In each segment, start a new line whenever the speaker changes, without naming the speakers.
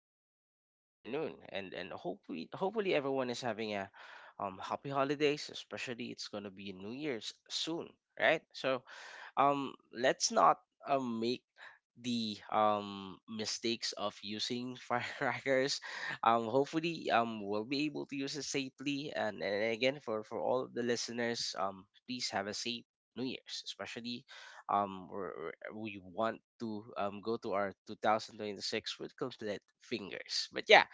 good afternoon. And hopefully, hopefully everyone is having a happy holidays. Especially, it's gonna be New Year's soon, right? So, let's not make the mistakes of using firecrackers, hopefully we'll be able to use it safely, and again, for all of the listeners, please have a safe new year's, especially we want to go to our 2026 with complete fingers. But yeah,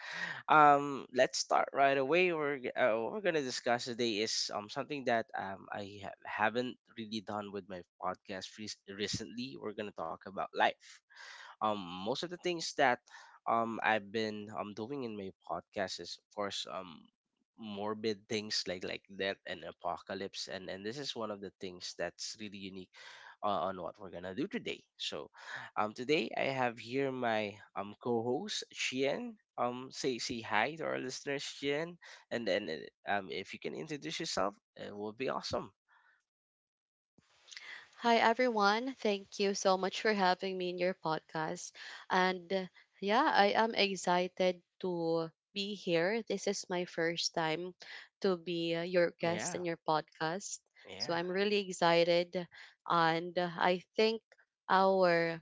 let's start right away. What we're gonna discuss today is something that I haven't really done with my podcast recently. We're gonna talk about life. um Most of the things that I've been doing in my podcast is of course morbid things, like death and apocalypse, and this is one of the things that's really unique on what we're gonna do today. So, today I have here my co-host Chien. Say hi to our listeners, Chien, and then if you can introduce yourself, it will be awesome.
Hi, everyone. Thank you so much for having me in your podcast. And yeah, I am excited to be here. This is my first time to be your guest
Yeah,
in your podcast. So
yeah,
I'm really excited. And I think our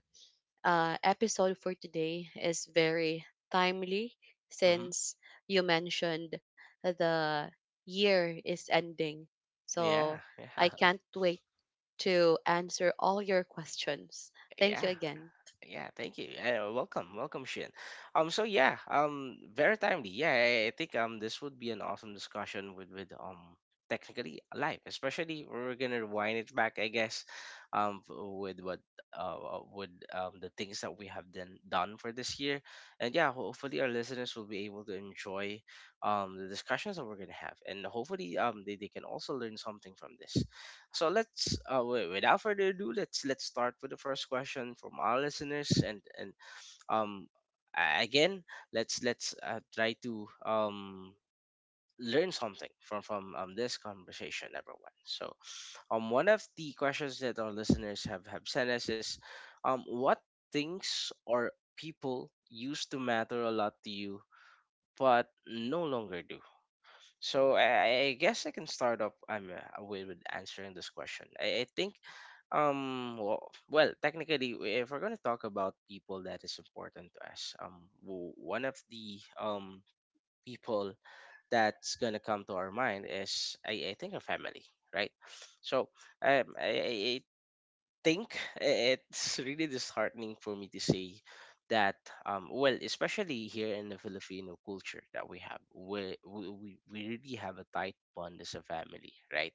episode for today is very timely
mm-hmm.
since you mentioned the year is ending. So
Yeah, yeah,
I can't wait to answer all your questions. Thank you
yeah.
again.
Yeah, thank you. Welcome, Shin. So yeah, very timely. Yeah, I think this would be an awesome discussion with technically life, especially we're gonna wind it back, I guess, with what with the things that we have done for this year, and yeah, hopefully our listeners will be able to enjoy the discussions that we're gonna have, and hopefully they can also learn something from this. So let's without further ado, let's start with the first question from our listeners, and um again let's try to learn something from this conversation, everyone. So one of the questions that our listeners have sent us is, what things or people used to matter a lot to you but no longer do? So I guess I can start off with answering this question. I think, well, technically, if we're gonna talk about people that is important to us, one of the people that's gonna come to our mind is, I think, our family, right? So I think it's really disheartening for me to say that well, especially here in the filipino culture that we have, we really have a tight bond as a family, right?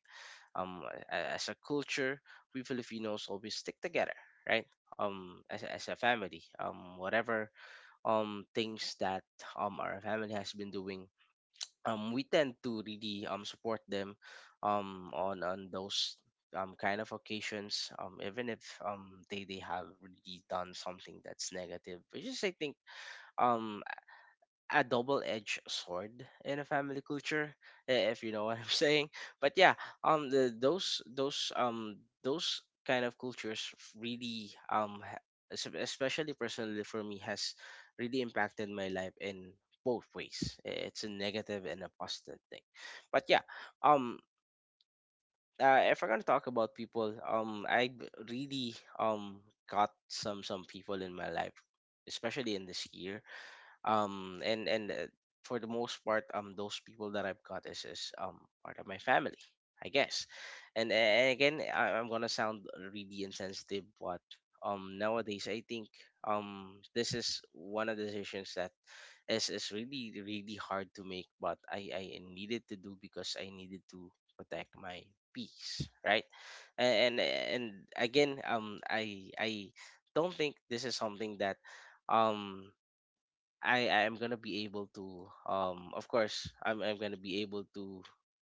um a- as a culture we filipinos always stick together, right? As a family, whatever things that our family has been doing, we tend to really support them on those kind of occasions, even if they have really done something that's negative, which is, I think, um a double-edged sword in a family culture, if you know what I'm saying. But yeah, those those kind of cultures really especially personally for me has really impacted my life in both ways. It's a negative and a positive thing. But yeah, um. If we're gonna talk about people, I really got some people in my life, especially in this year, and for the most part those people that I've got is part of my family, I guess. And again, I'm gonna sound really insensitive, but nowadays I think this is one of the decisions that is really really hard to make, but I needed to do because I needed to protect my peace, right? And and again, I don't think this is something that um I am gonna be able to, of course I'm gonna be able to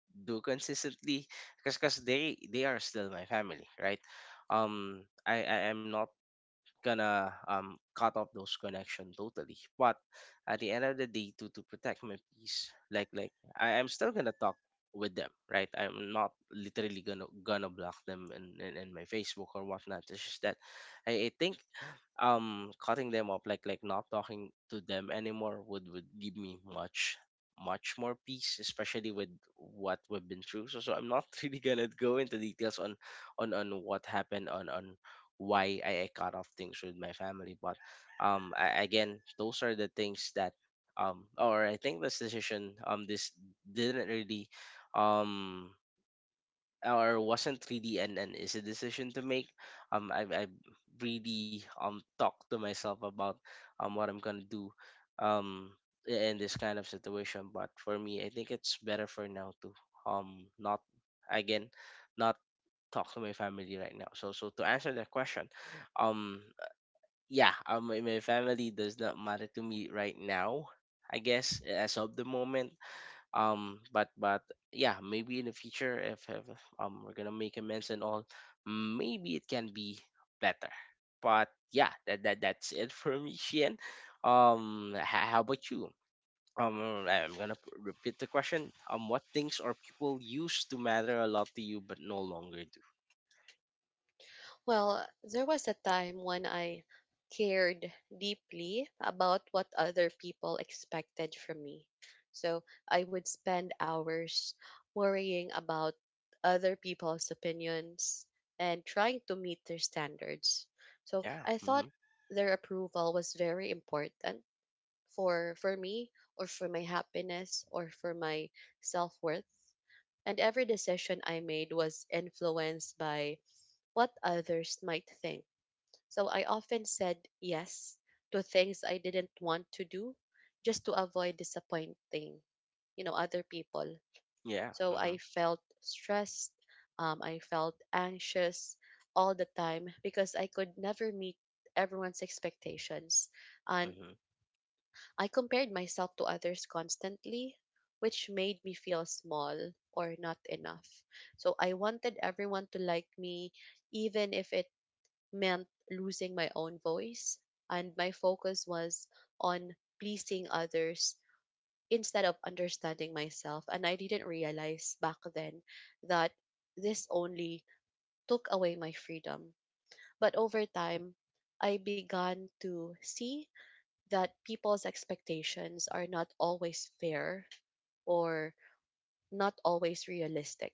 do consistently, because they are still my family, right? I am not gonna cut off those connection totally. But at the end of the day, to protect my peace, like I'm still gonna talk with them, right? I'm not literally gonna block them in my Facebook or whatnot. It's just that I think cutting them off, like not talking to them anymore, would give me much, much more peace, especially with what we've been through. So I'm not really gonna go into details on on what happened on why I cut off things with my family. But again, those are the things that or I think this decision, this didn't really um or wasn't really an easy decision to make. I really talked to myself about what I'm gonna do um in this kind of situation. But for me, I think it's better for now to not, again, not talk to my family right now. So so to answer that question, um yeah, my family does not matter to me right now, I guess, as of the moment. But yeah, maybe in the future, if we're gonna make amends and all, maybe it can be better. But yeah, that's it for me, Shien. How about you? I'm gonna repeat the question. What things or people used to matter a lot to you but no longer do?
Well, there was a time when I cared deeply about what other people expected from me. So I would spend hours worrying about other people's opinions and trying to meet their standards. So
Yeah.
I thought
Mm-hmm.
their approval was very important for me or for my happiness or for my self-worth and every decision I made was influenced by what others might think. So I often said yes to things I didn't want to do just to avoid disappointing, you know, other people.
Yeah.
So
Hmm.
I felt stressed, I felt anxious all the time because I could never meet everyone's expectations. And
Hmm.
I compared myself to others constantly, which made me feel small or not enough. So I wanted everyone to like me, even if it meant losing my own voice. And my focus was on pleasing others instead of understanding myself. And I didn't realize back then that this only took away my freedom. But over time, I began to see that people's expectations are not always fair or not always realistic.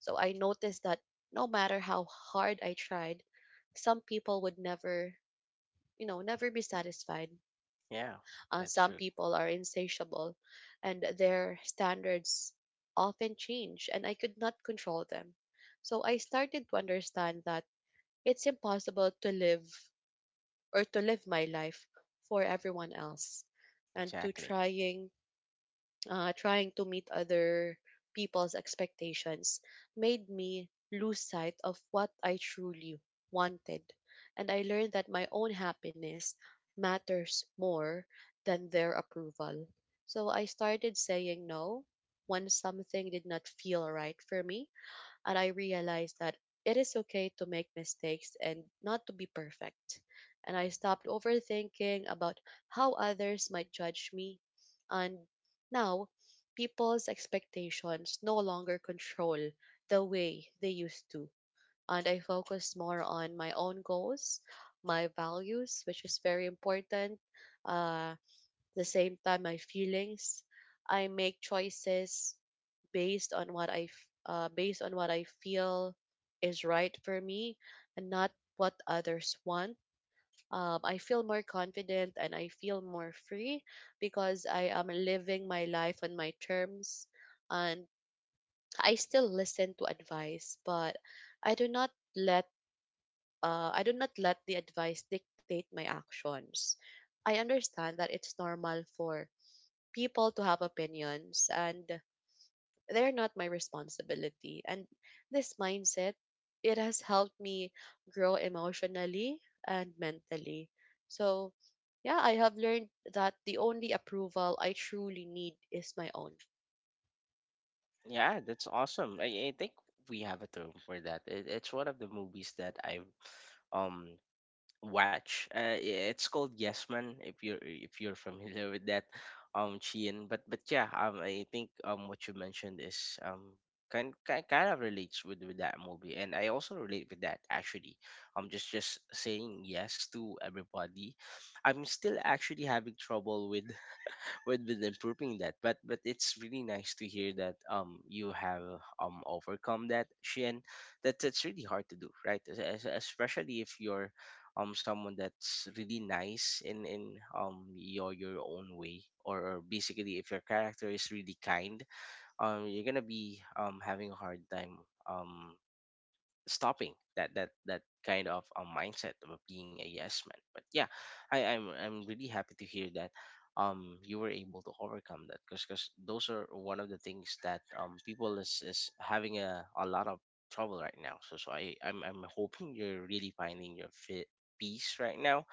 So I noticed that no matter how hard I tried, some people would never, you know, never be satisfied.
Yeah. That's
Some
true.
people are insatiable and their standards often change, and I could not control them. So I started to understand that it's impossible to live or to live my life for everyone else and to
Exactly.
trying uh, trying to meet other people's expectations made me lose sight of what I truly wanted. And I learned that my own happiness matters more than their approval. So I started saying no when something did not feel right for me and I realized that it is okay to make mistakes and not to be perfect. And I stopped overthinking about how others might judge me. And now, people's expectations no longer control the way they used to. And I focus more on my own goals, my values, which is very important. Uh, the same time my feelings, I make choices based on what I feel is right for me and not what others want. I feel more confident and I feel more free because I am living my life on my terms and I still listen to advice but i do not let I do not let the advice dictate my actions. I understand that it's normal for people to have opinions and they're not my responsibility. And this mindset, it has helped me grow emotionally and mentally. So, yeah, I have learned that the only approval I truly need is my own.
Yeah, that's awesome. I think we have a term for that. It's one of the movies that I've um watch. It's called Yes Man. If you're familiar with that, Chien. But yeah, I think what you mentioned is kind of relates with that movie, and I also relate with that, actually. Just saying yes to everybody. I'm still actually having trouble with improving that, but it's really nice to hear that you have overcome that, Shin. That that's really hard to do, right? Especially if you're someone that's really nice in your own way, or basically if your character is really kind, you're gonna be having a hard time um stopping that kind of a mindset of being a yes man. But yeah, I'm really happy to hear that you were able to overcome that, because those are one of the things that people is having a lot of trouble right now. So I'm hoping you're really finding your fit peace right now.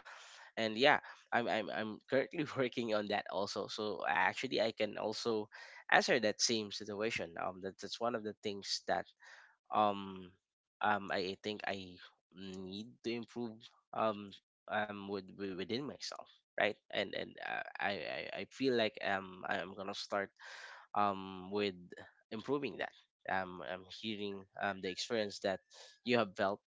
And yeah, I'm currently working on that also, so actually I can also answer that same situation. That's one of the things that um I think I need to improve um with, within myself, right? And I feel like I'm gonna start with improving that. I'm hearing the experience that you have felt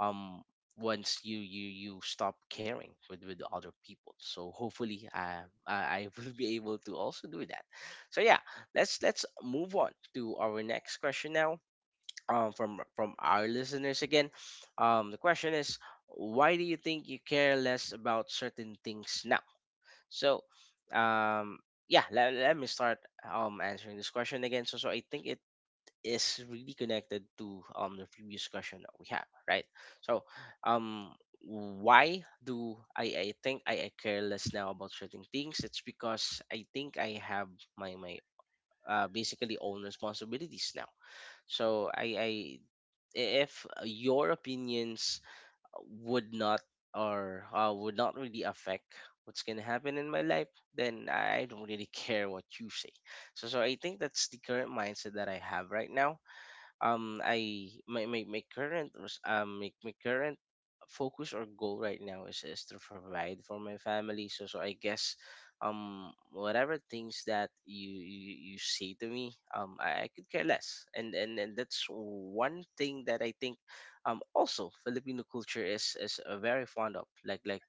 um once you stop caring with other people. So hopefully, I will be able to also do that. So yeah, let's move on to our next question now, from our listeners again. The question is, why do you think you care less about certain things now? So, um, yeah, let me start answering this question again. So, so I think it is really connected to the previous question that we have, right? So, um. Why do I think I care less now about certain things? It's because I think I have my my basically, own responsibilities now. So I if your opinions would not, or would not really affect what's gonna happen in my life, then I don't really care what you say. So I think that's the current mindset that I have right now. Um I my my, my current res- my, my current focus or goal right now is to provide for my family, so I guess whatever things that you say to me, I could care less, and that's one thing that I think also Filipino culture is very fond of. like like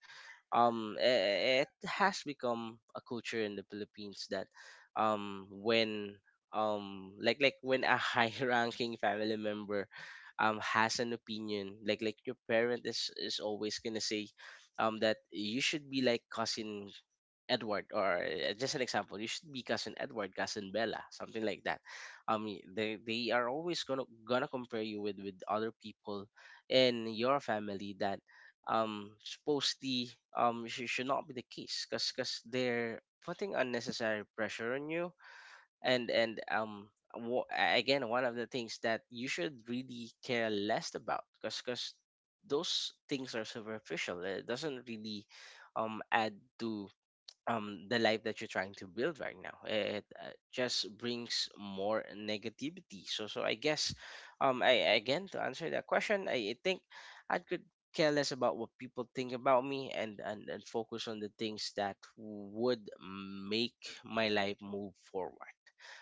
um i- i- It has become a culture in the Philippines that when like when a high ranking family member has an opinion, your parent is always gonna say that you should be like cousin Edward, or just an example, you should be cousin Edward, cousin Bella, something like that. They are always gonna compare you with other people in your family that supposedly should not be the case, because they're putting unnecessary pressure on you. and and um wo- Again, one of the things that you should really care less about, because those things are superficial. It doesn't really add to the life that you're trying to build right now. It just brings more negativity. So I guess, I again, to answer that question, I think I could care less about what people think about me, and focus on the things that would make my life move forward.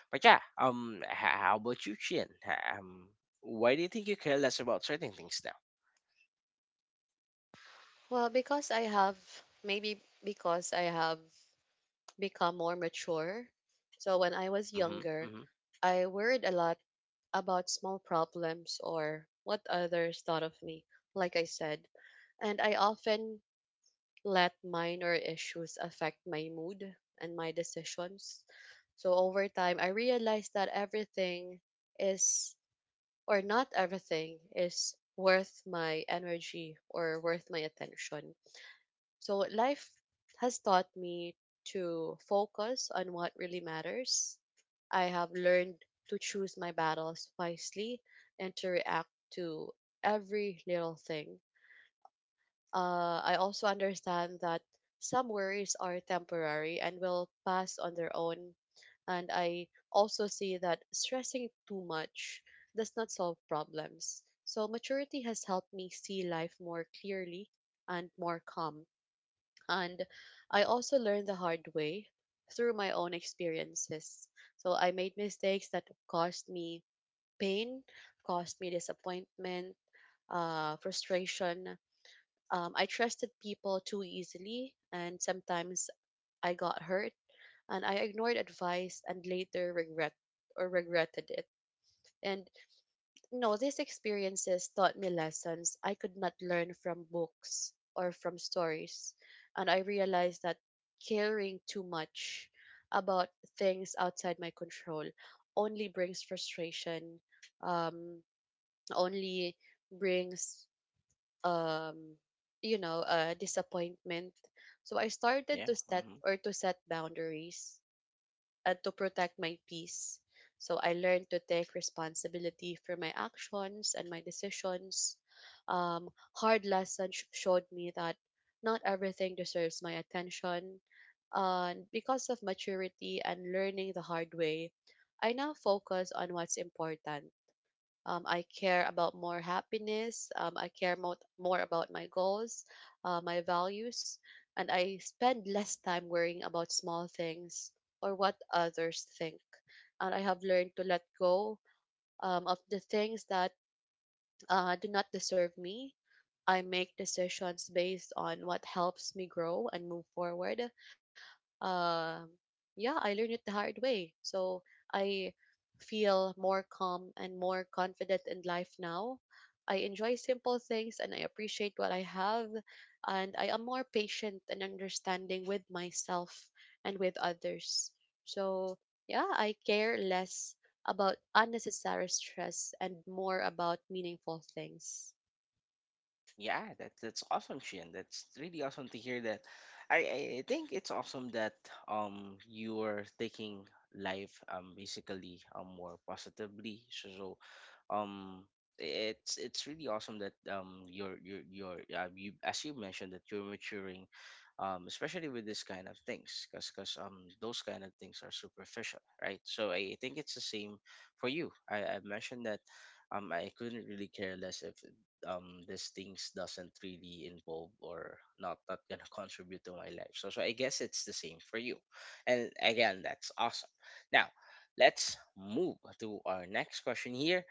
But yeah, how about you, Chin? Why do you think you care less about certain things now?
Well, because I have, maybe because I have become more mature. So, when I was
Mm-hmm,
younger,
mm-hmm,
I worried a lot about small problems or what others thought of me, like I said. And I often let minor issues affect my mood and my decisions. So over time, I realized that everything is, or not everything, is worth my energy or worth my attention. So life has taught me to focus on what really matters. I have learned to choose my battles wisely and to react to every little thing. I also understand that some worries are temporary and will pass on their own. And I also see that stressing too much does not solve problems. So maturity has helped me see life more clearly and more calm. And I also learned the hard way through my own experiences. So I made mistakes that caused me pain, caused me disappointment, frustration. I trusted people too easily, and sometimes I got hurt, and I ignored advice and later regretted it. And no, these experiences taught me lessons I could not learn from books or from stories, and I realized that caring too much about things outside my control only brings frustration, um, only brings um you know disappointment. So I started
yeah,
to
mm-hmm.
set boundaries and to protect my peace. So I learned to take responsibility for my actions and my decisions. um hard lessons showed me that not everything deserves my attention and because of maturity and learning the hard way I now focus on what's important. I care about more happiness. I care more about my goals, my values, and I spend less time worrying about small things or what others think. And I have learned to let go of the things that do not deserve me. I make decisions based on what helps me grow and move forward. um yeah, I learned it the hard way. So I feel more calm and more confident in life now. I enjoy simple things and I appreciate what I have. And I am more patient and understanding with myself and with others. So, yeah, I care less about unnecessary stress and more about meaningful things.
Yeah, that that's awesome, Shin. That's really awesome to hear that. I think it's awesome that you're taking life, basically, more positively. So um it's really awesome that you, as you mentioned, that you're maturing, especially with this kind of things, because those kind of things are superficial, right? So I think it's the same for you, I mentioned that I couldn't really care less if these things doesn't really involve or not gonna contribute to my life. So I guess it's the same for you. And again, that's awesome. Now, let's move to our next question here.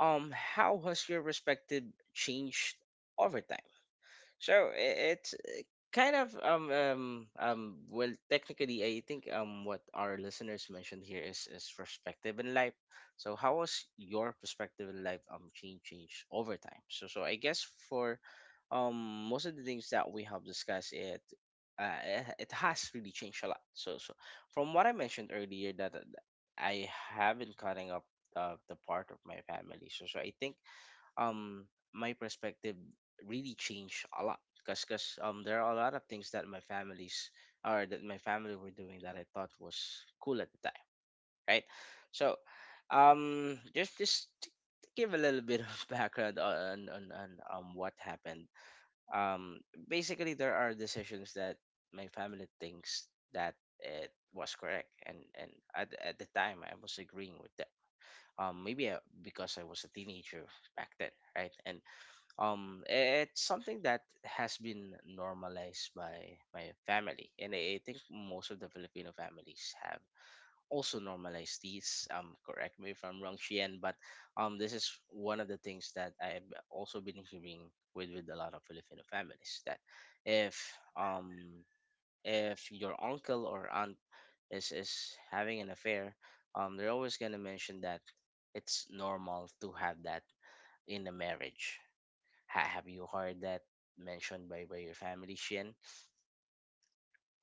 How has your perspective changed over time? So it's kind of well, technically, I think what our listeners mentioned here is perspective in life. So how was your perspective in life change over time? So I guess for most of the things that we have discussed, it has really changed a lot. So from what I mentioned earlier that I have been cutting up the part of my family. So I think um my perspective really changed a lot, because cause there are a lot of things that my families or that my family were doing that I thought was cool at the time, right? So just to give a little bit of background on what happened. Um Basically, there are decisions that my family thinks that it was correct, and at the time, I was agreeing with them. Maybe, because I was a teenager back then, right? And it's something that has been normalized by my family, and I think most of the Filipino families have also normalized these. Correct me if I'm wrong, Shien, but this is one of the things that I've also been hearing with a lot of Filipino families, that if um if your uncle or aunt is having an affair, they're always gonna mention that it's normal to have that in a marriage. Have you heard that mentioned by your family, Shin?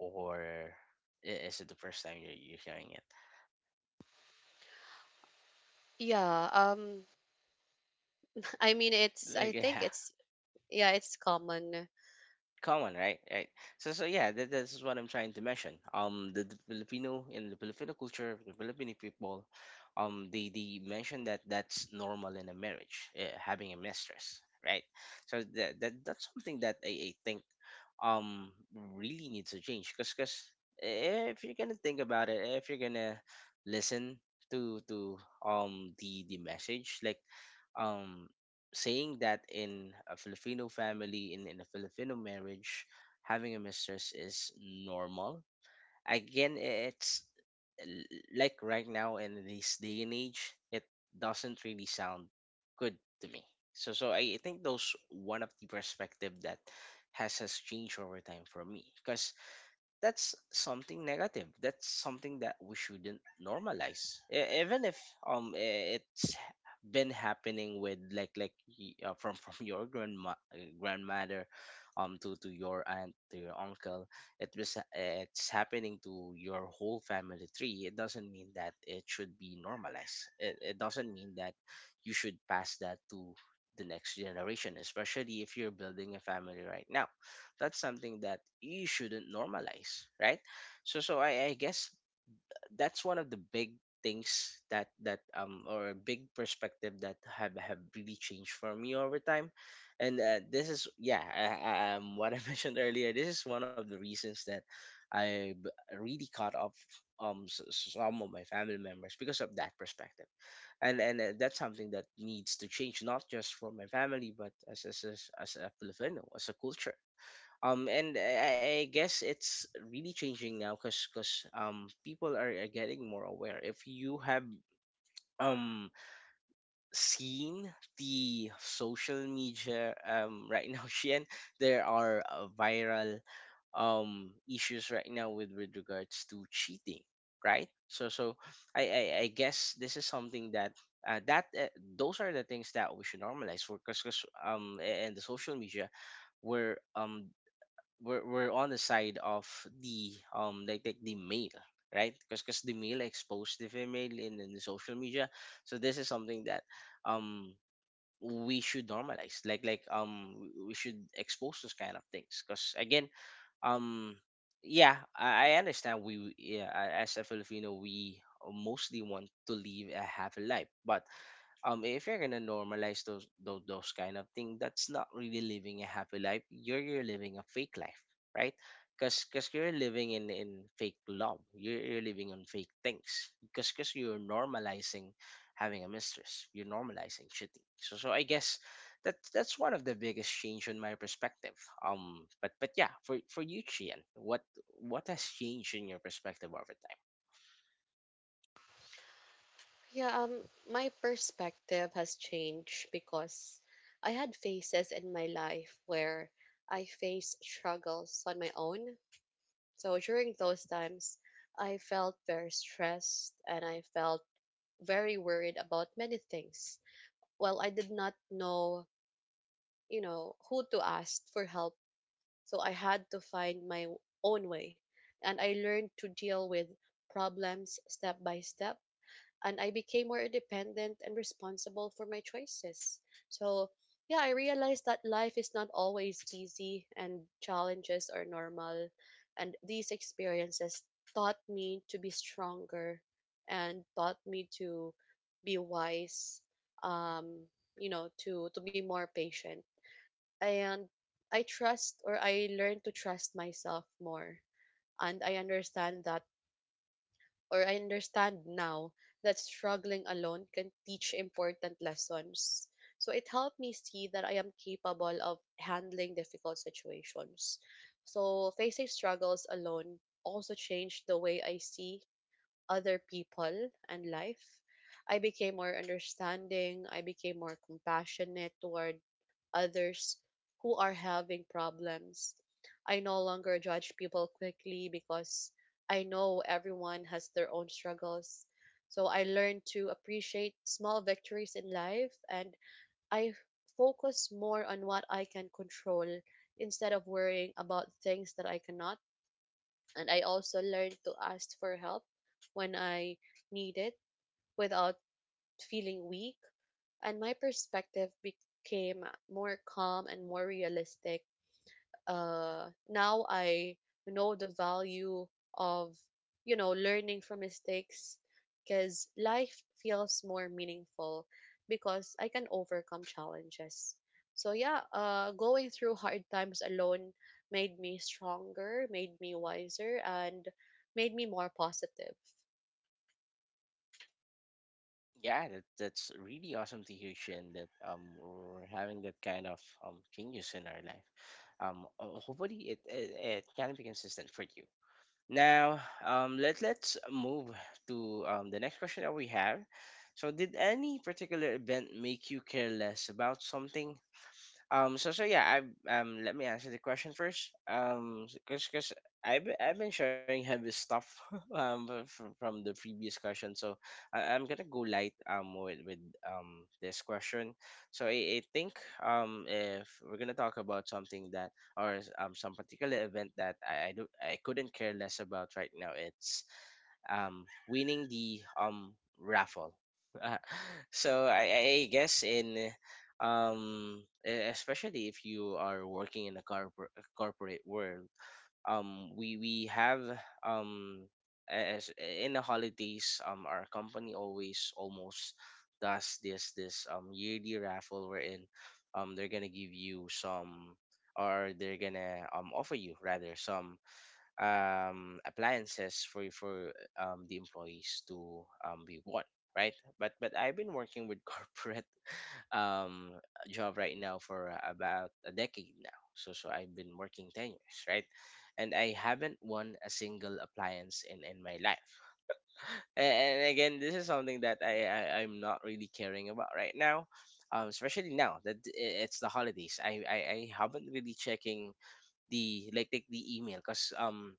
Or is it the first time you're hearing it?
Yeah, I mean it's I
Like, yeah.
think it's yeah, it's common.
Common, right? Right. So yeah, that's what I'm trying to mention. The Filipino, in the Filipino culture, the Filipino people, they mention that that's normal in a marriage, having a mistress, right? So that that's something that I think really needs to change, because if you're gonna think about it, if you're gonna listen to the message, like um, saying that in a Filipino family, in a Filipino marriage, having a mistress is normal. Again, it's like right now in this day and age, it doesn't really sound good to me. So, I think those one of the perspective that has changed over time for me, because that's something negative, that's something that we shouldn't normalize. Even if it's been happening with from your grandmother, to your aunt, to your uncle, it was ha- eh, it's happening to your whole family tree, it doesn't mean that it should be normalized. It doesn't mean that you should pass that to the next generation, especially if you're building a family right now. That's something that you shouldn't normalize, right? So I guess that's one of the big things that or a big perspective that have really changed for me over time. And this is, yeah, what I mentioned earlier, this is one of the reasons that I really caught up some of my family members because of that perspective. And that's something that needs to change, not just for my family, but as a filipino, as a culture. And I guess it's really changing now, because people are getting more aware. If you have um seen the social media right now, Shien, there are viral issues right now with regards to cheating, right? So I guess this is something that those are the things that we should normalize for, because a- and the social media where we're on the side of the the male, right? Because the male exposed the female in the social media. So this is something that um we should normalize, we should expose those kind of things, because again, um yeah, I understand, yeah, as a filipino, we mostly want to live a happy life, but if you're gonna normalize those kind of thing, that's not really living a happy life, you're living a fake life, right? Because you're living in fake love, you're living on fake things, because you're normalizing having a mistress, you're normalizing cheating. So I guess that's one of the biggest change in my perspective. But yeah, for you, Chien, what has changed in your perspective over time?
Yeah, my perspective has changed because I had phases in my life where I faced struggles on my own. So during those times, I felt very stressed and I felt very worried about many things. Well, I did not know, you know, who to ask for help. So I had to find my own way. And I learned to deal with problems step by step and I became more independent and responsible for my choices. So, yeah, I realized that life is not always easy and challenges are normal. And these experiences taught me to be stronger and taught me to be wise, um, you know, to be more patient. And I learned to trust myself more. And I understand now that struggling alone can teach important lessons. So it helped me see that I am capable of handling difficult situations. So facing struggles alone also changed the way I see other people and life. I became more understanding, I became more compassionate toward others who are having problems. I no longer judge people quickly because I know everyone has their own struggles. So I learned to appreciate small victories in life and I focus more on what I can control instead of worrying about things that I cannot. And I also learned to ask for help when I need it without feeling weak. And my perspective became more calm and more realistic. Now I know the value of, you know, learning from mistakes because life feels more meaningful because I can overcome challenges. So yeah, going through hard times alone made me stronger, made me wiser and made me more positive.
Yeah, that's really awesome to hear, Shin, that we're having that kind of changes in our life. Hopefully it it can be consistent for you. Now, let's move to the next question that we have. So, did any particular event make you care less about something? So yeah. I. Let me answer the question first. Cause cause I've I've been sharing heavy stuff from the previous question. So I'm gonna go light with this question. So I think if we're gonna talk about something that or some particular event that I couldn't care less about right now, it's winning the raffle. So I guess in especially if you are working in a corporate world, we have um, as in the holidays, our company always almost does this yearly raffle, wherein they're gonna give you some, or they're gonna offer you, rather, some appliances for the employees to be worn, right? But I've been working with corporate um, job right now for about a decade now. So I've been working 10 years, right? And I haven't won a single appliance in my life. And, again, this is something that I'm not really caring about right now. Especially now that it's the holidays, I haven't really checking the the email, because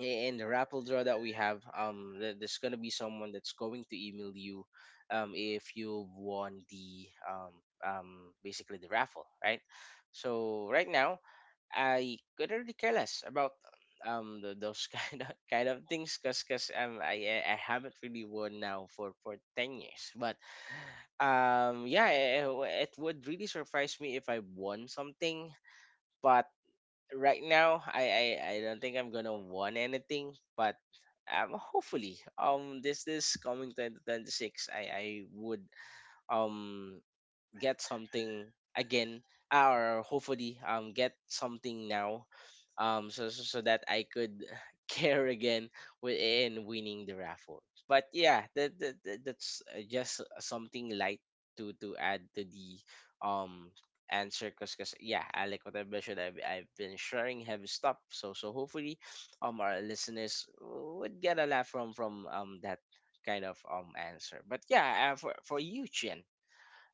in the raffle draw that we have, there's gonna be someone that's going to email you, if you've won the basically the raffle, right? So right now, I couldn't really care less about those kind of things, cause cause I haven't really won now for 10 years. But yeah, it would really surprise me if I won something. But right now, I don't think I'm gonna want anything. But hopefully this coming 2026, I would um get something again. Or hopefully get something now, so that I could care again within winning the raffle. But yeah, that's just something light to add to the um answer because yeah, I like what I mentioned, I've been sharing heavy stuff, so so hopefully our listeners would get a laugh from that kind of answer. But yeah, for you, Chien,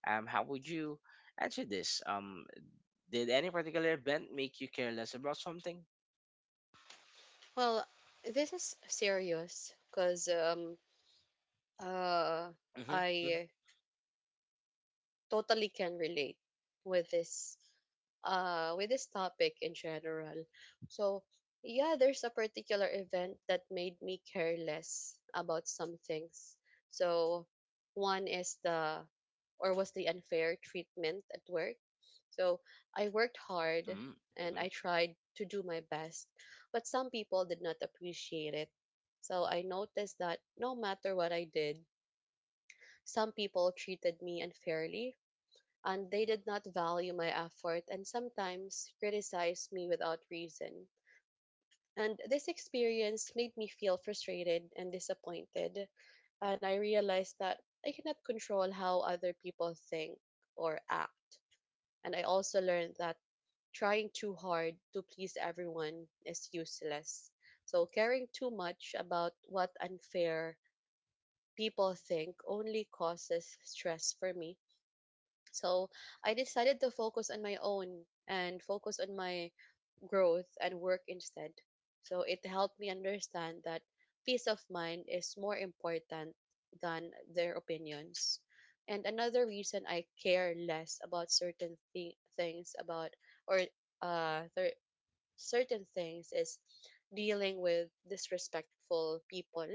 how would you answer this? Did any particular event make you careless about something?
Well, this is serious because uh
Mm-hmm, mm-hmm,
I totally can relate with this with this topic in general. So, yeah, there's a particular event that made me care less about some things. So, one is the or was the unfair treatment at work. So, I worked hard and
mm-hmm.
I tried to do my best, but some people did not appreciate it. So, I noticed that no matter what I did, some people treated me unfairly and they did not value my effort and sometimes criticized me without reason. And this experience made me feel frustrated and disappointed, and I realized that I cannot control how other people think or act. And I also learned that trying too hard to please everyone is useless. So, caring too much about what unfair people think only causes stress for me, so I decided to focus on my own and focus on my growth and work instead. So it helped me understand that peace of mind is more important than their opinions. And another reason I care less about certain thi- things about or th- certain things is dealing with disrespectful people.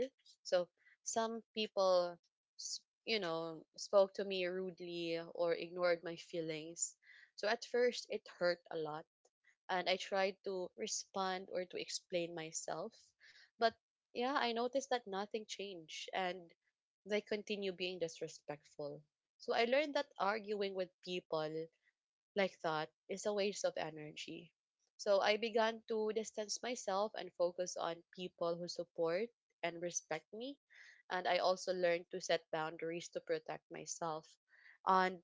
So some people, you know, spoke to me rudely or ignored my feelings. So at first, it hurt a lot, and I tried to respond or to explain myself. But yeah, I noticed that nothing changed, and they continue being disrespectful. So I learned that arguing with people like that is a waste of energy. So I began to distance myself and focus on people who support and respect me. And I also learned to set boundaries to protect myself. And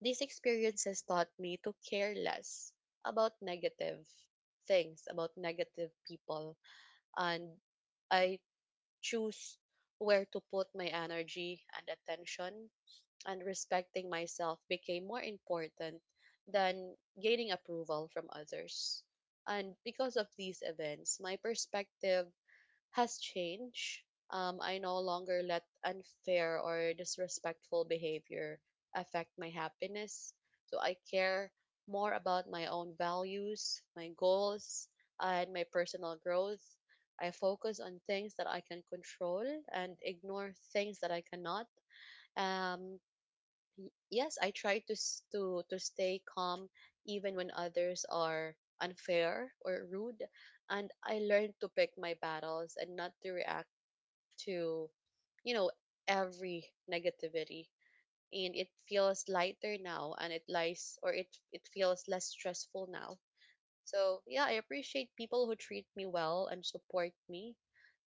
these experiences taught me to care less about negative things, about negative people. And I choose where to put my energy and attention and respecting myself became more important than gaining approval from others. And because of these events, my perspective has changed. I no longer let unfair or disrespectful behavior affect my happiness. So I care more about my own values, my goals, and my personal growth. I focus on things that I can control and ignore things that I cannot. Um, yes, I try to s- to stay calm even when others are unfair or rude, and I learned to pick my battles and not to react to you know every negativity. And it feels lighter now, and it lies or it feels less stressful now. So yeah, I appreciate people who treat me well and support me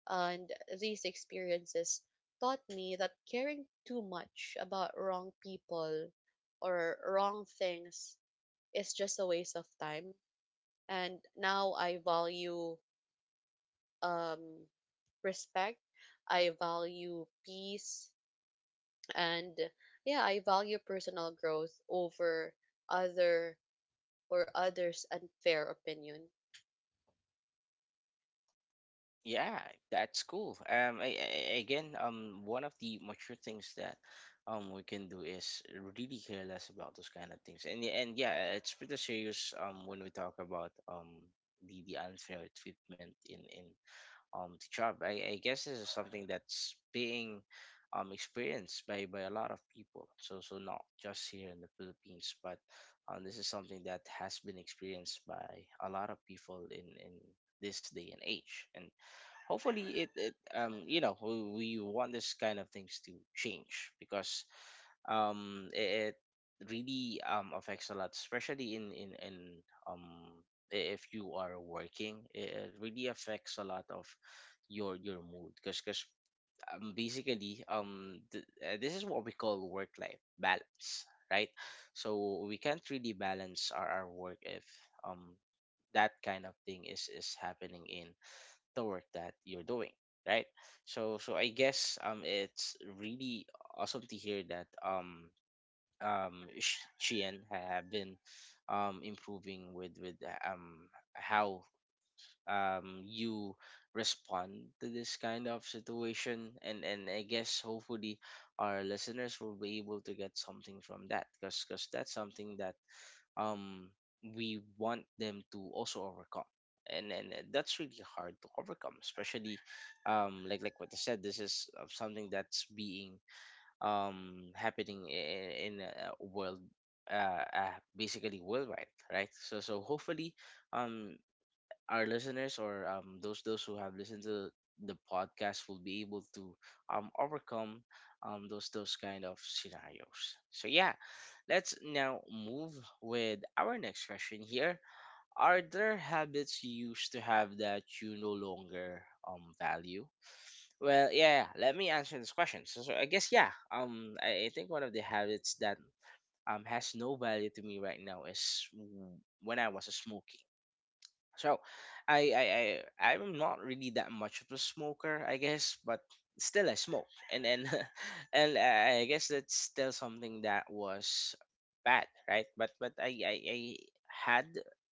and these experiences taught me that caring too much about wrong people or wrong things is just a waste of time. And now I value um, respect, I value peace, and yeah, I value personal growth over other others' unfair opinion.
Yeah, that's cool. Again, one of the mature things that we can do is really care less about those kind of things. And yeah, it's pretty serious when we talk about the unfair treatment in the job. I guess this is something that's being experienced by a lot of people. So not just here in the Philippines, but this is something that has been experienced by a lot of people in this day and age. And hopefully it you know we want this kind of things to change because it really affects a lot, especially um if you are working. It really affects a lot of your mood because basically this is what we call work life balance, right? So we can't really balance our work if um that kind of thing is happening in the work that you're doing, right? So I guess it's really awesome to hear that Sheehan have been improving with um how you respond to this kind of situation. And I guess hopefully our listeners will be able to get something from that, because that's something that um we want them to also overcome. And that's really hard to overcome, especially what I said, this is something that's being happening in a world, basically worldwide, right? so so hopefully um our listeners or those who have listened to the podcast will be able to overcome those kind of scenarios. So yeah, let's now move with our next question here. Are there habits you used to have that you no longer value? Well, yeah, let me answer this question. So I guess, yeah. I think one of the habits that has no value to me right now is when I was smoking. So I I I'm not really that much of a smoker, I guess, but still I smoke. And and I guess that's still something that was bad, right? But I had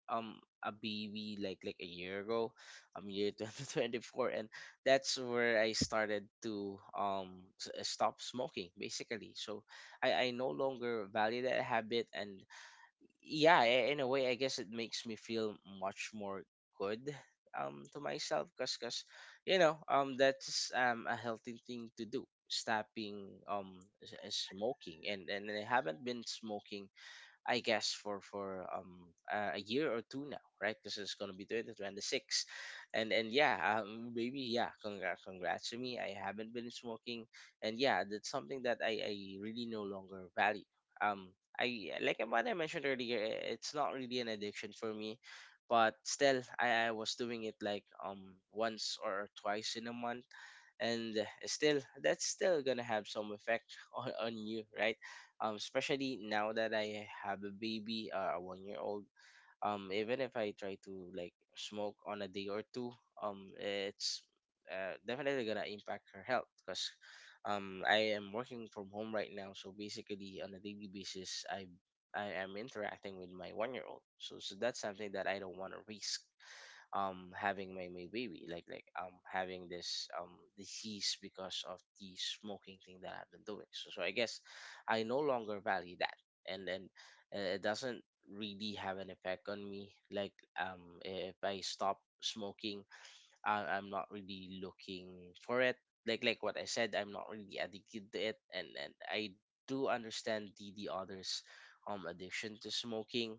a baby like a year ago, year 2024, and that's where I started to stop smoking basically. So I no longer value that habit. And yeah, in a way I guess it makes me feel much more good to myself, because cause you know, that's a healthy thing to do, stopping smoking. And I haven't been smoking, I guess, for a year or two now, right? Because it's gonna be 2026. And and yeah, maybe, yeah, congrats, congrats to me. I haven't been smoking, and yeah, that's something that I really no longer value. Um, I Like what I mentioned earlier, it's not really an addiction for me, but still, I was doing it like once or twice in a month. And still, that's still gonna have some effect on you, right? Especially now that I have a baby, a 1 year old, even if I try to like smoke on a day or two, it's definitely gonna impact her health, because I am working from home right now. So basically, on a daily basis, I am interacting with my 1 year old. So so that's something that I don't want to risk, having my baby having this disease because of the smoking thing that I've been doing. So, so I guess I no longer value that. And then it doesn't really have an effect on me, like, if I stop smoking, I'm not really looking for it. Like what I said, I'm not really addicted to it. And I do understand the others' addiction to smoking,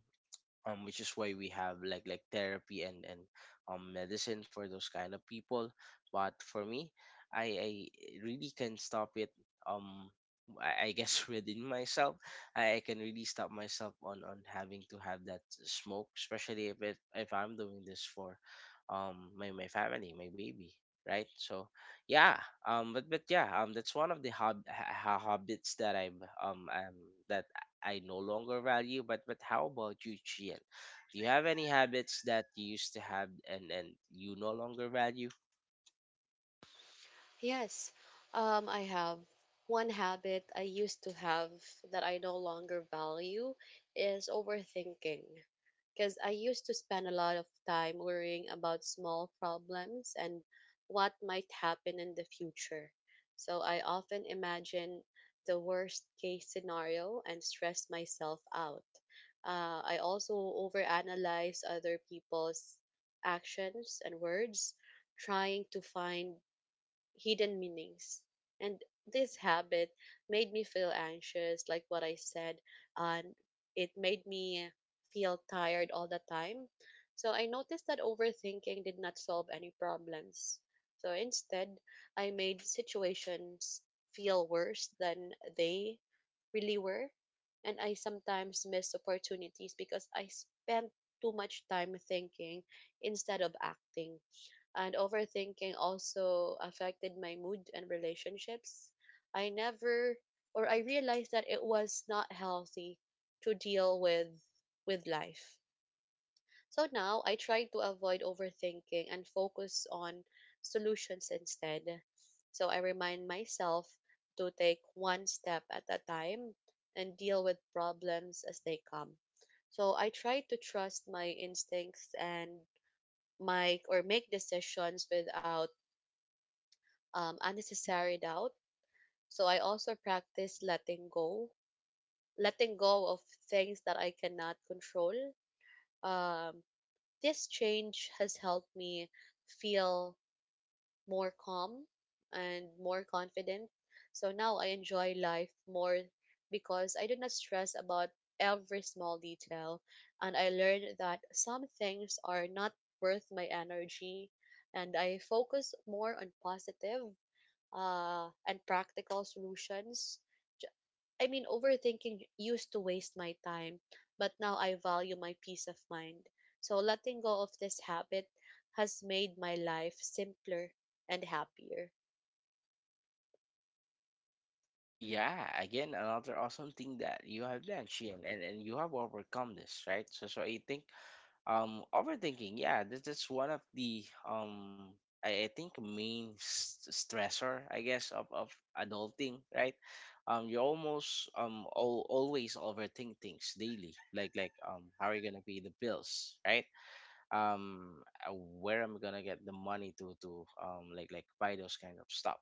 which is why we have like therapy and medicine for those kind of people. But for me, I really can stop it. um I guess, within myself, I can really stop myself on having to have that smoke, especially if if I'm doing this for my family, my baby, right? So yeah, but yeah, that's one of the habits that that I no longer value. But how about you, Chien? Do you have any habits that you used to have and you no longer value?
Yes, I have one habit I used to have that I no longer value is overthinking. Because I used to spend a lot of time worrying about small problems and what might happen in the future. So I often imagine the worst case scenario and stress myself out. I also overanalyze other people's actions and words, trying to find hidden meanings. And this habit made me feel anxious, like what I said, and it made me feel tired all the time. So I noticed that overthinking did not solve any problems. So instead, I made situations feel worse than they really were. And I sometimes missed opportunities because I spent too much time thinking instead of acting, and overthinking also affected my mood and relationships. I never or I realized that it was not healthy to deal with life. So now I try to avoid overthinking and focus on solutions instead. So I remind myself to take one step at a time and deal with problems as they come. So I try to trust my instincts and my or make decisions without unnecessary doubt. So I also practice letting go of things that I cannot control. Um, this change has helped me feel more calm and more confident. So now I enjoy life more because I do not stress about every small detail. And I learned that some things are not worth my energy. And I focus more on positive and practical solutions. J- Overthinking used to waste my time, but now I value my peace of mind. So letting go of this habit has made my life simpler and happier.
Yeah, again, another awesome thing that you have done, Chien, and you have overcome this, right? So I think overthinking, yeah, this is one of the I think main stressor, I guess, of adulting, right? You almost always overthink things daily, like how are you gonna pay the bills, right? um uh, where am I gonna get the money to buy those kind of stuff?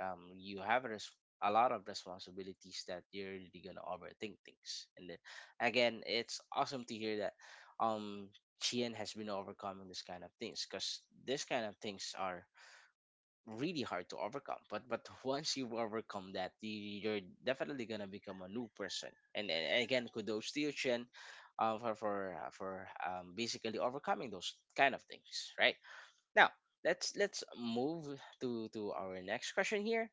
You have a lot of responsibilities that you're really gonna overthink things. And then, again, it's awesome to hear that um Chien has been overcoming this kind of things, because this kind of things are really hard to overcome. But once you overcome that, you're definitely gonna become a new person. And again, kudos to you, Chen, for basically overcoming those kind of things, right? Now let's move to our next question here.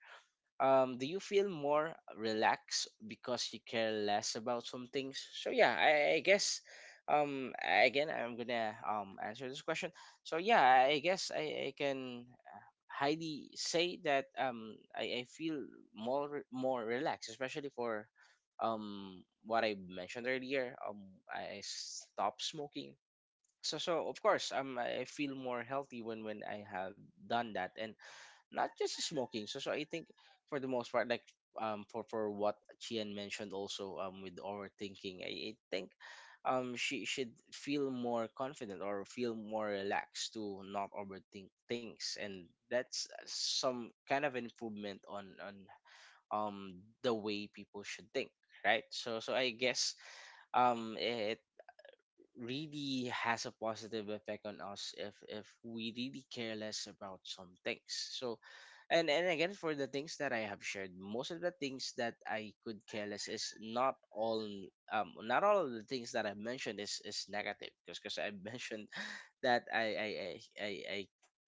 Do you feel more relaxed because you care less about some things? So yeah, I guess again, I'm gonna answer this question. So yeah, I guess I can highly say that I feel more relaxed, especially for what I mentioned earlier. I stopped smoking. So so of course, I feel more healthy when I have done that. And not just smoking. So I think for the most part, like, for what Chien mentioned also, with overthinking, I think she should feel more confident or feel more relaxed to not overthink things. And that's some kind of improvement on the way people should think, right? So so I guess it really has a positive effect on us if we really care less about some things. So, and again, for the things that I have shared, most of the things that I could care less is not all, not all of the things that I mentioned is negative, because I mentioned that I, I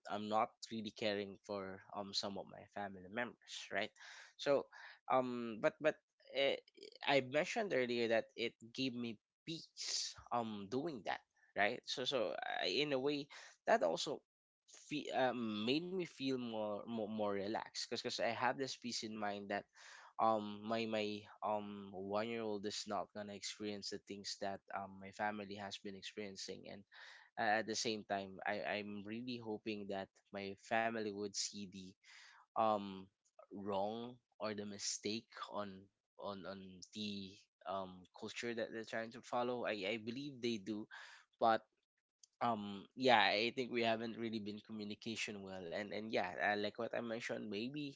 I'm not really caring for some of my family members, right? So, but uh, I mentioned earlier that it gave me peace doing that, right? So so I, in a way, that also made me feel more relaxed, because I have this peace in mind that my 1 year old is not gonna experience the things that my family has been experiencing. And at the same time, I'm really hoping that my family would see the um wrong or the mistake on on on the culture that they're trying to follow. I believe they do, but yeah, I think we haven't really been communication well. And yeah, like what I mentioned, maybe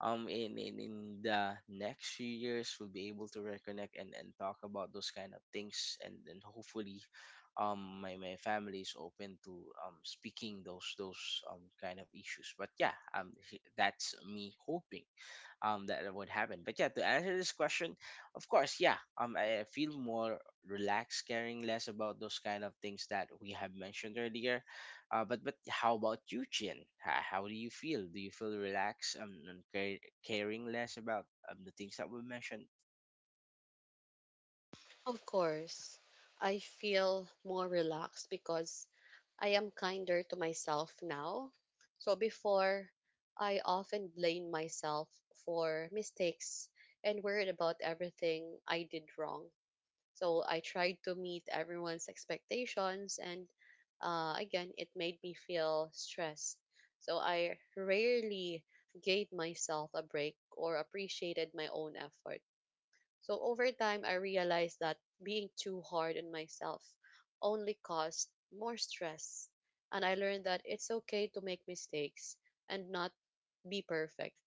in the next few years, we'll be able to reconnect and talk about those kind of things. And hopefully my family is open to speaking those kind of issues. But yeah, that's me hoping that would happen. But yeah, to answer this question, of course, yeah, I feel more relaxed caring less about those kind of things that we have mentioned earlier. But how about you, Chin? How do you feel? Do you feel relaxed and caring less about the things that we mentioned?
Of course, I feel more relaxed because I am kinder to myself now. So before, I often blame myself for mistakes and worried about everything I did wrong. So I tried to meet everyone's expectations, and again, it made me feel stressed. So I rarely gave myself a break or appreciated my own effort. So over time, I realized that being too hard on myself only caused more stress. And I learned that it's okay to make mistakes and not be perfect.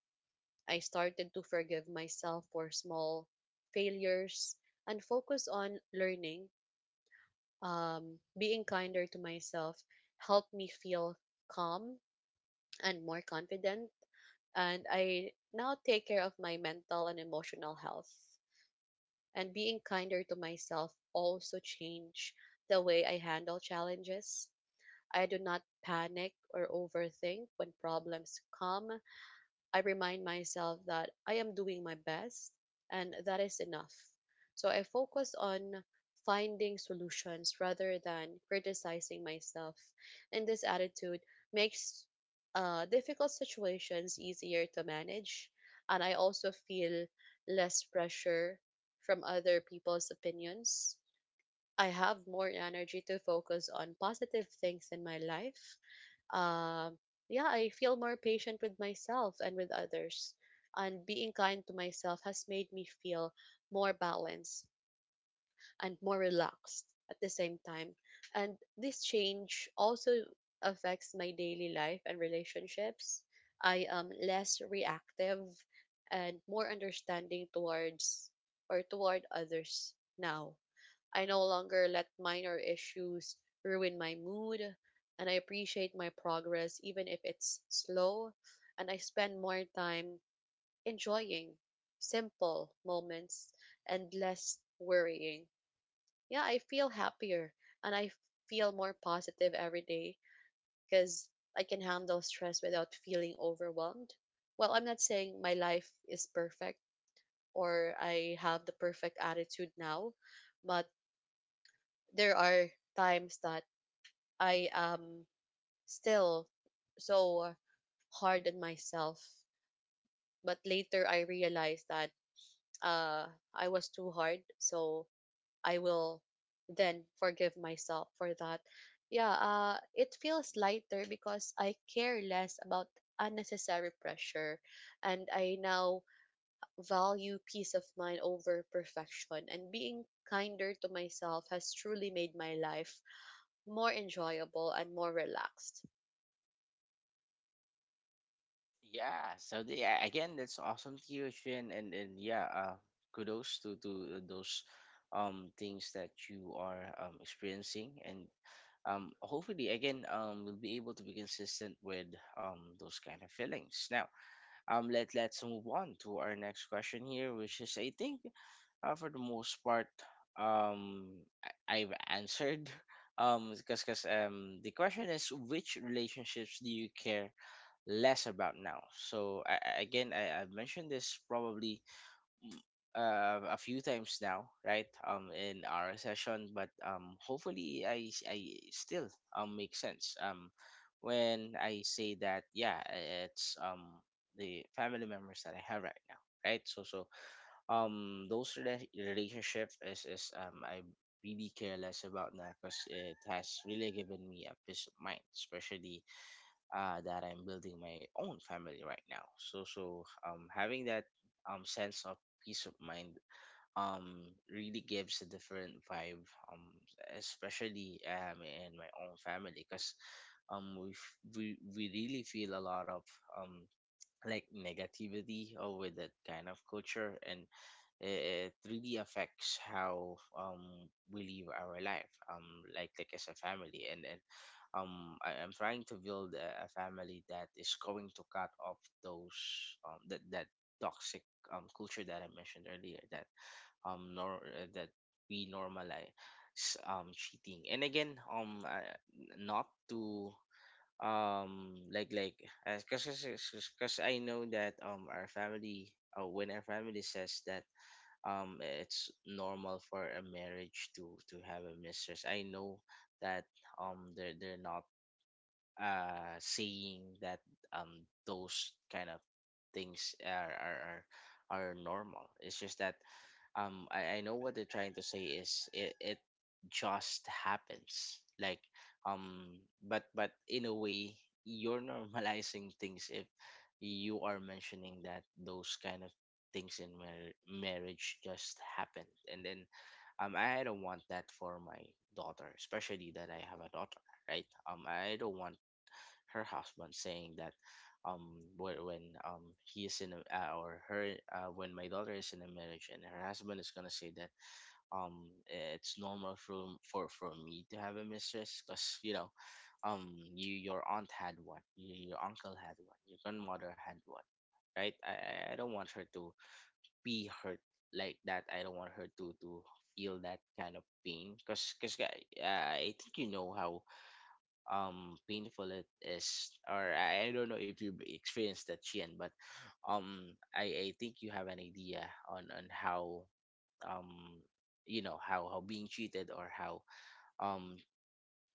I started to forgive myself for small failures and focus on learning. Being kinder to myself helped me feel calm and more confident. And I now take care of my mental and emotional health. And being kinder to myself also change the way I handle challenges. I do not panic or overthink when problems come. I remind myself that I am doing my best and that is enough. So I focus on finding solutions rather than criticizing myself. And this attitude makes difficult situations easier to manage. And I also feel less pressure from other people's opinions. I have more energy to focus on positive things in my life. um yeah, I feel more patient with myself and with others, and being kind to myself has made me feel more balanced and more relaxed at the same time. And this change also affects my daily life and relationships. I am less reactive and more understanding toward others now. I no longer let minor issues ruin my mood, and I appreciate my progress even if it's slow, and I spend more time enjoying simple moments and less worrying. Yeah, I feel happier and I feel more positive every day because I can handle stress without feeling overwhelmed. Well, I'm not saying my life is perfect or I have the perfect attitude now, but there are times that I am still so hard on myself. But later I realized that uh, I was too hard. So I will then forgive myself for that. Yeah, it feels lighter because I care less about unnecessary pressure, and I now value peace of mind over perfection. And being kinder to myself has truly made my life more enjoyable and more relaxed.
Yeah, so the, yeah, again, that's awesome to hear, Shin. And yeah, kudos to those things that you are experiencing. And hopefully, again, we'll be able to be consistent with those kind of feelings. Now, let's move on to our next question here, which is I think for the most part um I've answered because the question is which relationships do you care less about now. So I've mentioned this probably a few times now, right? In our session, but hopefully I still make sense. When I say that, yeah, it's the family members that I have right now, right? So those relationship is I really care less about now, because it has really given me a peace of mind, especially that I'm building my own family right now. So having that sense of peace of mind really gives a different vibe, especially in my own family, because we, f- we really feel a lot of um like negativity over that kind of culture, and it really affects how we live our life, like as a family. I'm trying to build a family that is going to cut off those that that toxic culture that I mentioned earlier, that nor that we normalize cheating. And again Not to um like like because because I know that our family, when our family says that it's normal for a marriage to have a mistress, I know that they're not saying that those kind of things are normal. It's just that I know what they're trying to say is it just happens. Like, um, but in a way, you're normalizing things if you are mentioning that those kind of things in marriage just happened. And then I don't want that for my daughter, especially that I have a daughter, right? I don't want her husband saying that when he is in a, or her when my daughter is in a marriage and her husband is gonna say that um it's normal for me to have a mistress, because, you know, you your aunt had one, you, your uncle had one, your grandmother had one, right? I don't want her to be hurt like that. I don't want her to feel that kind of pain, because I think you know how painful it is. Or I don't know if you've experienced that, Chien, but um I think you have an idea on how um you know how being cheated or how um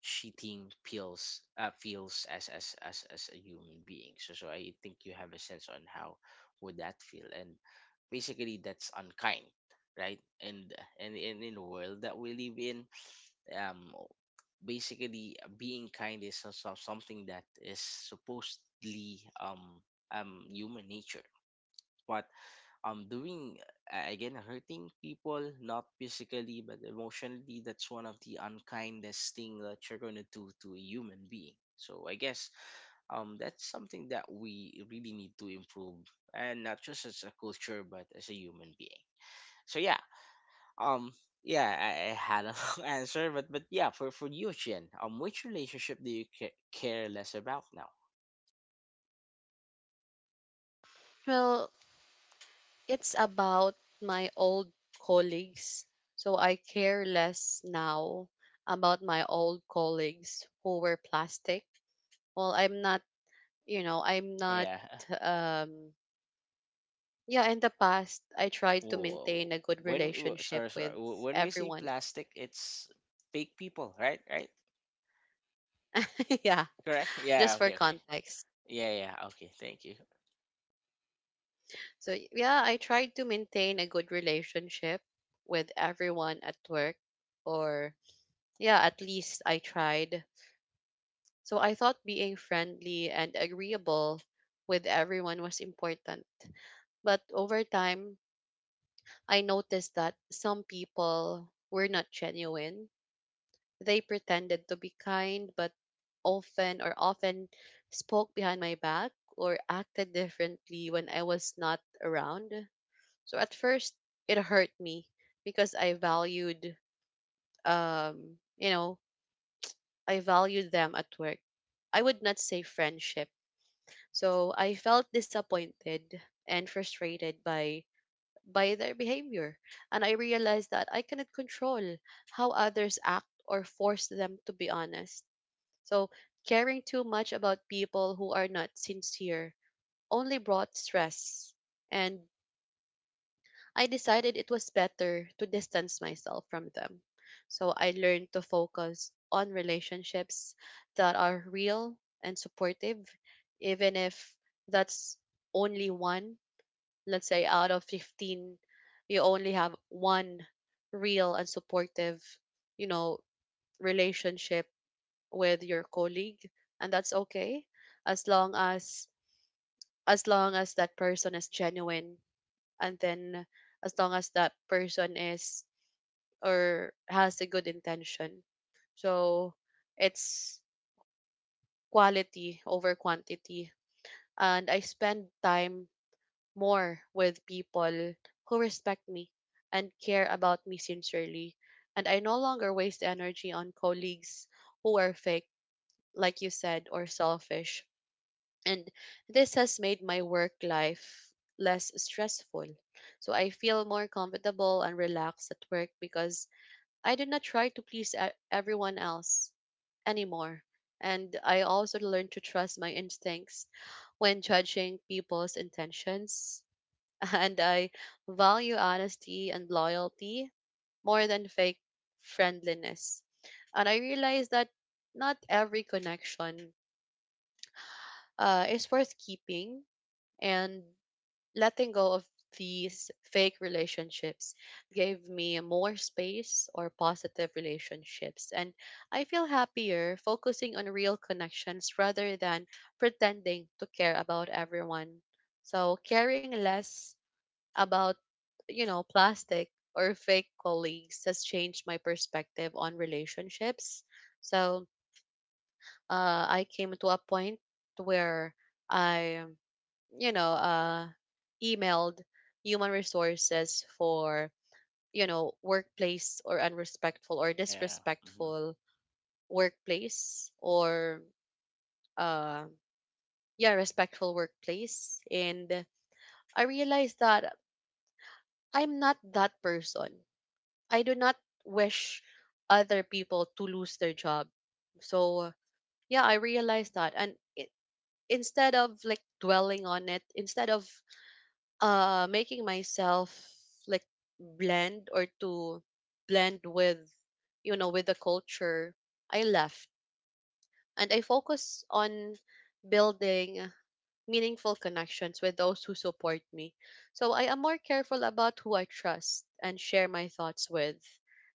cheating feels, feels as a human being, so so I think you have a sense on how would that feel, and basically that's unkind, right? And in the world that we live in, um basically, being kind is also something that is supposedly human nature. But doing, again, hurting people, not physically but emotionally, that's one of the unkindest thing that you're going to do to a human being. So I guess that's something that we really need to improve, and not just as a culture, but as a human being. So yeah, um, yeah, I had a long answer, but yeah, for you, Chin, which relationship do you care less about now?
Well, it's about my old colleagues. So I care less now about my old colleagues who were plastic. Well, I'm not, you know, I'm not
Yeah.
um yeah, in the past I tried to
Well,
maintain a good relationship
sorry,
with
when we see
everyone.
plastic, it's fake people, right? Right?
Yeah,
Correct? Yeah.
just for
Okay. Okay.
context.
Yeah. Yeah. Okay. Thank you.
So yeah, I tried to maintain a good relationship with everyone at work, or yeah, at least I tried. So I thought being friendly and agreeable with everyone was important. But over time, I noticed that some people were not genuine. They pretended to be kind, but often spoke behind my back or acted differently when I was not around. So at first, it hurt me because I valued, um, you know, I valued them at work. I would not say friendship. So I felt disappointed and frustrated by their behavior. And I realized that I cannot control how others act or force them to be honest. So caring too much about people who are not sincere only brought stress, and I decided it was better to distance myself from them. So I learned to focus on relationships that are real and supportive, even if that's only one. Let's say out of 15, you only have one real and supportive, you know, relationship with your colleague, and that's okay as long as that person is genuine, and then as long as that person is or has a good intention. So it's quality over quantity. And I spend time more with people who respect me and care about me sincerely. And I no longer waste energy on colleagues who are fake, like you said, or selfish. And this has made my work life less stressful. So I feel more comfortable and relaxed at work because I did not try to please everyone else anymore. And I also learned to trust my instincts when judging people's intentions. And I value honesty and loyalty more than fake friendliness. And I realized that not every connection is worth keeping. And letting go of these fake relationships gave me more space or positive relationships, and I feel happier focusing on real connections rather than pretending to care about everyone. So caring less about, you know, plastic or fake colleagues has changed my perspective on relationships. So I came to a point where I, you know, uh, emailed human resources for, you know, workplace or unrespectful or
Yeah. Hmm.
disrespectful workplace or, uh, yeah, respectful workplace. And I realized that I'm not that person. I do not wish other people to lose their job. So, yeah, I realized that. And instead of like dwelling on it, instead of making myself like blend or to blend with, you know, with the culture, I left and I focus on building meaningful connections with those who support me. So I am more careful about who I trust and share my thoughts with.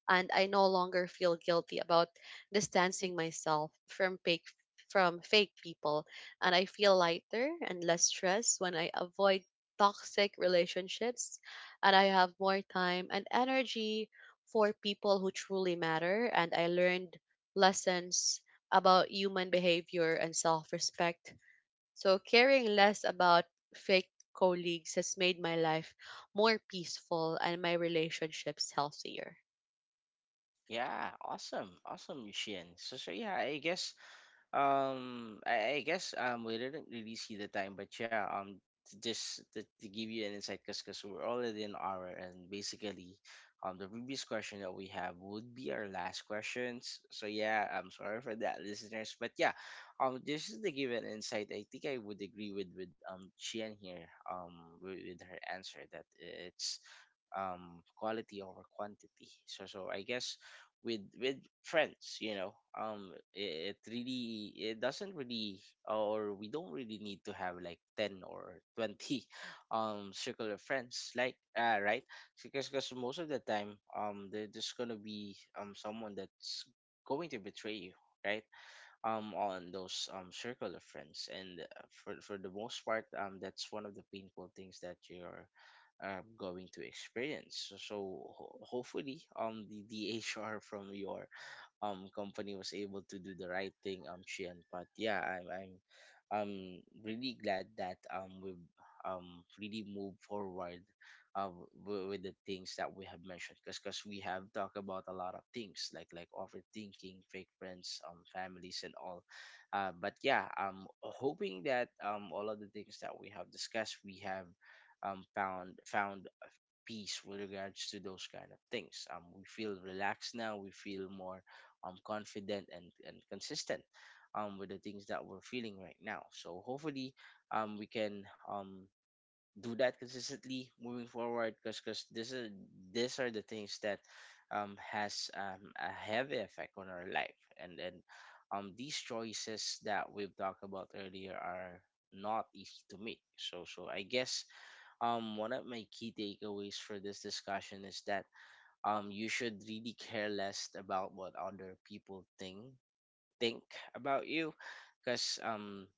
And I no longer feel guilty about distancing myself from fake people. And I feel lighter and less stressed when I avoid toxic relationships, and I have more time and energy for people who truly matter, and I learned lessons about human behavior and self-respect. So caring less about fake colleagues has made my life more peaceful and my relationships healthier.
Yeah. Awesome. Awesome, Chin. So so yeah, I guess, um, I guess we didn't really see the time, but yeah, to just to give you an insight, because we're already an hour, and basically, the previous question that we have would be our last questions. So yeah, I'm sorry for that, listeners, but yeah, just to give an insight, I think I would agree with Chien here, um, with her answer that it's quality over quantity. So so I guess with friends, you know, it really, it doesn't really, or we don't really need to have like 10 or 20 circle of friends, like right? Because most of the time there's gonna be someone that's going to betray you, right? On those circle of friends, and for the most part, that's one of the painful things that you're going to experience. So, so hopefully the HR from your company was able to do the right thing, Shian. But yeah, I'm really glad that we've really moved forward with the things that we have mentioned, because we have talked about a lot of things, like overthinking, fake friends, families, and all. But yeah, I'm hoping that all of the things that we have discussed, we have found peace with regards to those kind of things. We feel relaxed now. We feel more confident and consistent with the things that we're feeling right now. So hopefully we can do that consistently moving forward, because this is, these are the things that has a heavy effect on our life, and these choices that we've talked about earlier are not easy to make. So so I guess one of my key takeaways for this discussion is that you should really care less about what other people think about you, because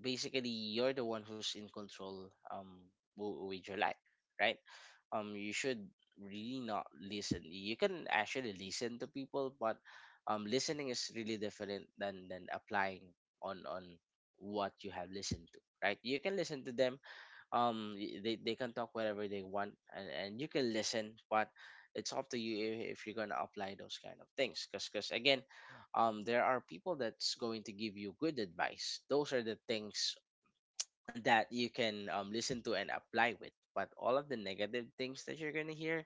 basically you're the one who's in control with your life, right? You should really not listen. You can actually listen to people, but listening is really different than applying on what you have listened to, right? You can listen to them. They can talk whatever they want, and you can listen, but it's up to you if you're going to apply those kind of things, because again there are people that's going to give you good advice. Those are the things that you can listen to and apply with. But all of the negative things that you're going to hear,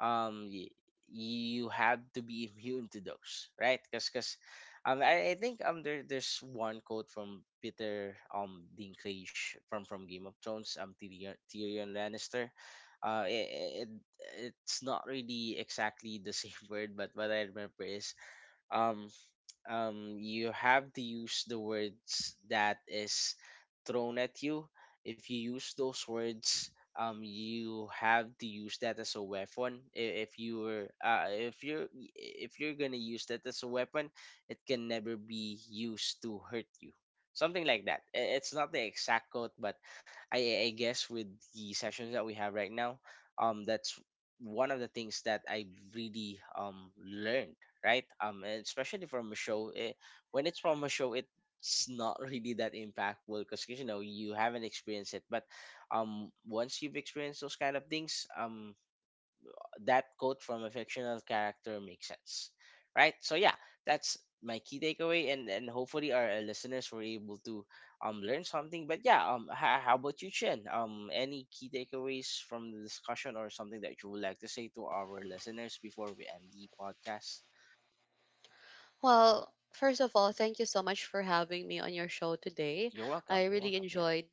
um y- you have to be immune to those, right? Because I think there's one quote from Peter Dinklage from Game of Thrones, Tyrion Lannister. uh it, it it's not really exactly the same word, but what I remember is, um you have to use the words that is thrown at you. If you use those words, you have to use that as a weapon. I- If you were, if you're, If you're gonna use that as a weapon, it can never be used to hurt you. Something like that. It's not the exact quote, but I guess with the sessions that we have right now, that's one of the things that I really learned, right? And especially from a show. It, when it's from a show, it's not really that impactful because you know you haven't experienced it. But once you've experienced those kind of things, that quote from a fictional character makes sense, right? So yeah, that's my key takeaway, and hopefully our listeners were able to learn something. But yeah, how about you, Chen? Any key takeaways from the discussion, or something that you would like to say to our listeners before we end the podcast?
Well, first of all, thank you so much for having me on your show today.
You're welcome.
I
You're
really
welcome. Yeah.
enjoyed.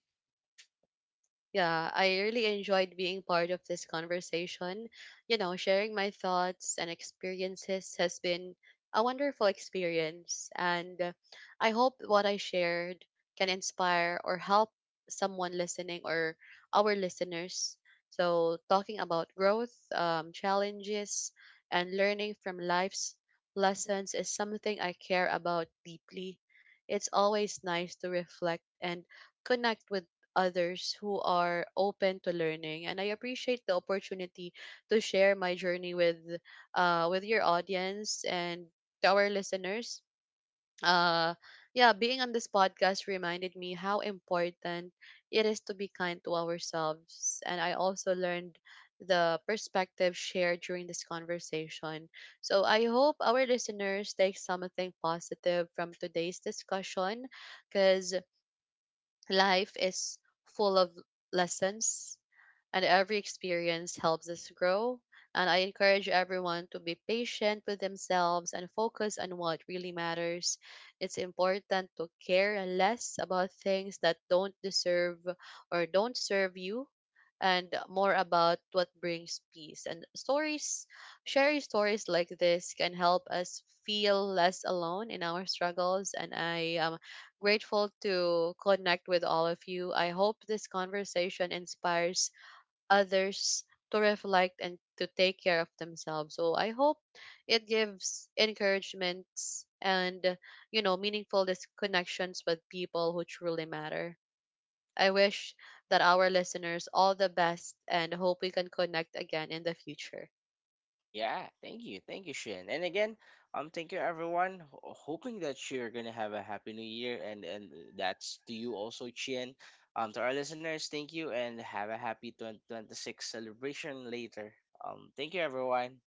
Yeah, I really enjoyed being part of this conversation. You know, sharing my thoughts and experiences has been a wonderful experience, and I hope what I shared can inspire or help someone listening or our listeners. So, talking about growth, challenges, and learning from life's lessons is something I care about deeply. It's always nice to reflect and connect with others who are open to learning, and I appreciate the opportunity to share my journey with your audience and to our listeners. Uh yeah, being on this podcast reminded me how important it is to be kind to ourselves, and I also learned the perspective shared during this conversation. So I hope our listeners take something positive from today's discussion, because life is full of lessons, and every experience helps us grow. And I encourage everyone to be patient with themselves and focus on what really matters. It's important to care less about things that don't deserve or don't serve you and more about what brings peace. And stories, sharing stories like this can help us feel less alone in our struggles. And I grateful to connect with all of you. I hope this conversation inspires others to reflect and to take care of themselves. So I hope it gives encouragements and, you know, meaningful connections with people who truly matter. I wish that our listeners all the best and hope we can connect again in the future.
Yeah. Thank you. Thank you, Shin. And again, thank you everyone. Hoping that you're gonna have a happy new year, and that's to you also, Chien. To our listeners, thank you, and have a happy 2026 celebration later. Thank you, everyone.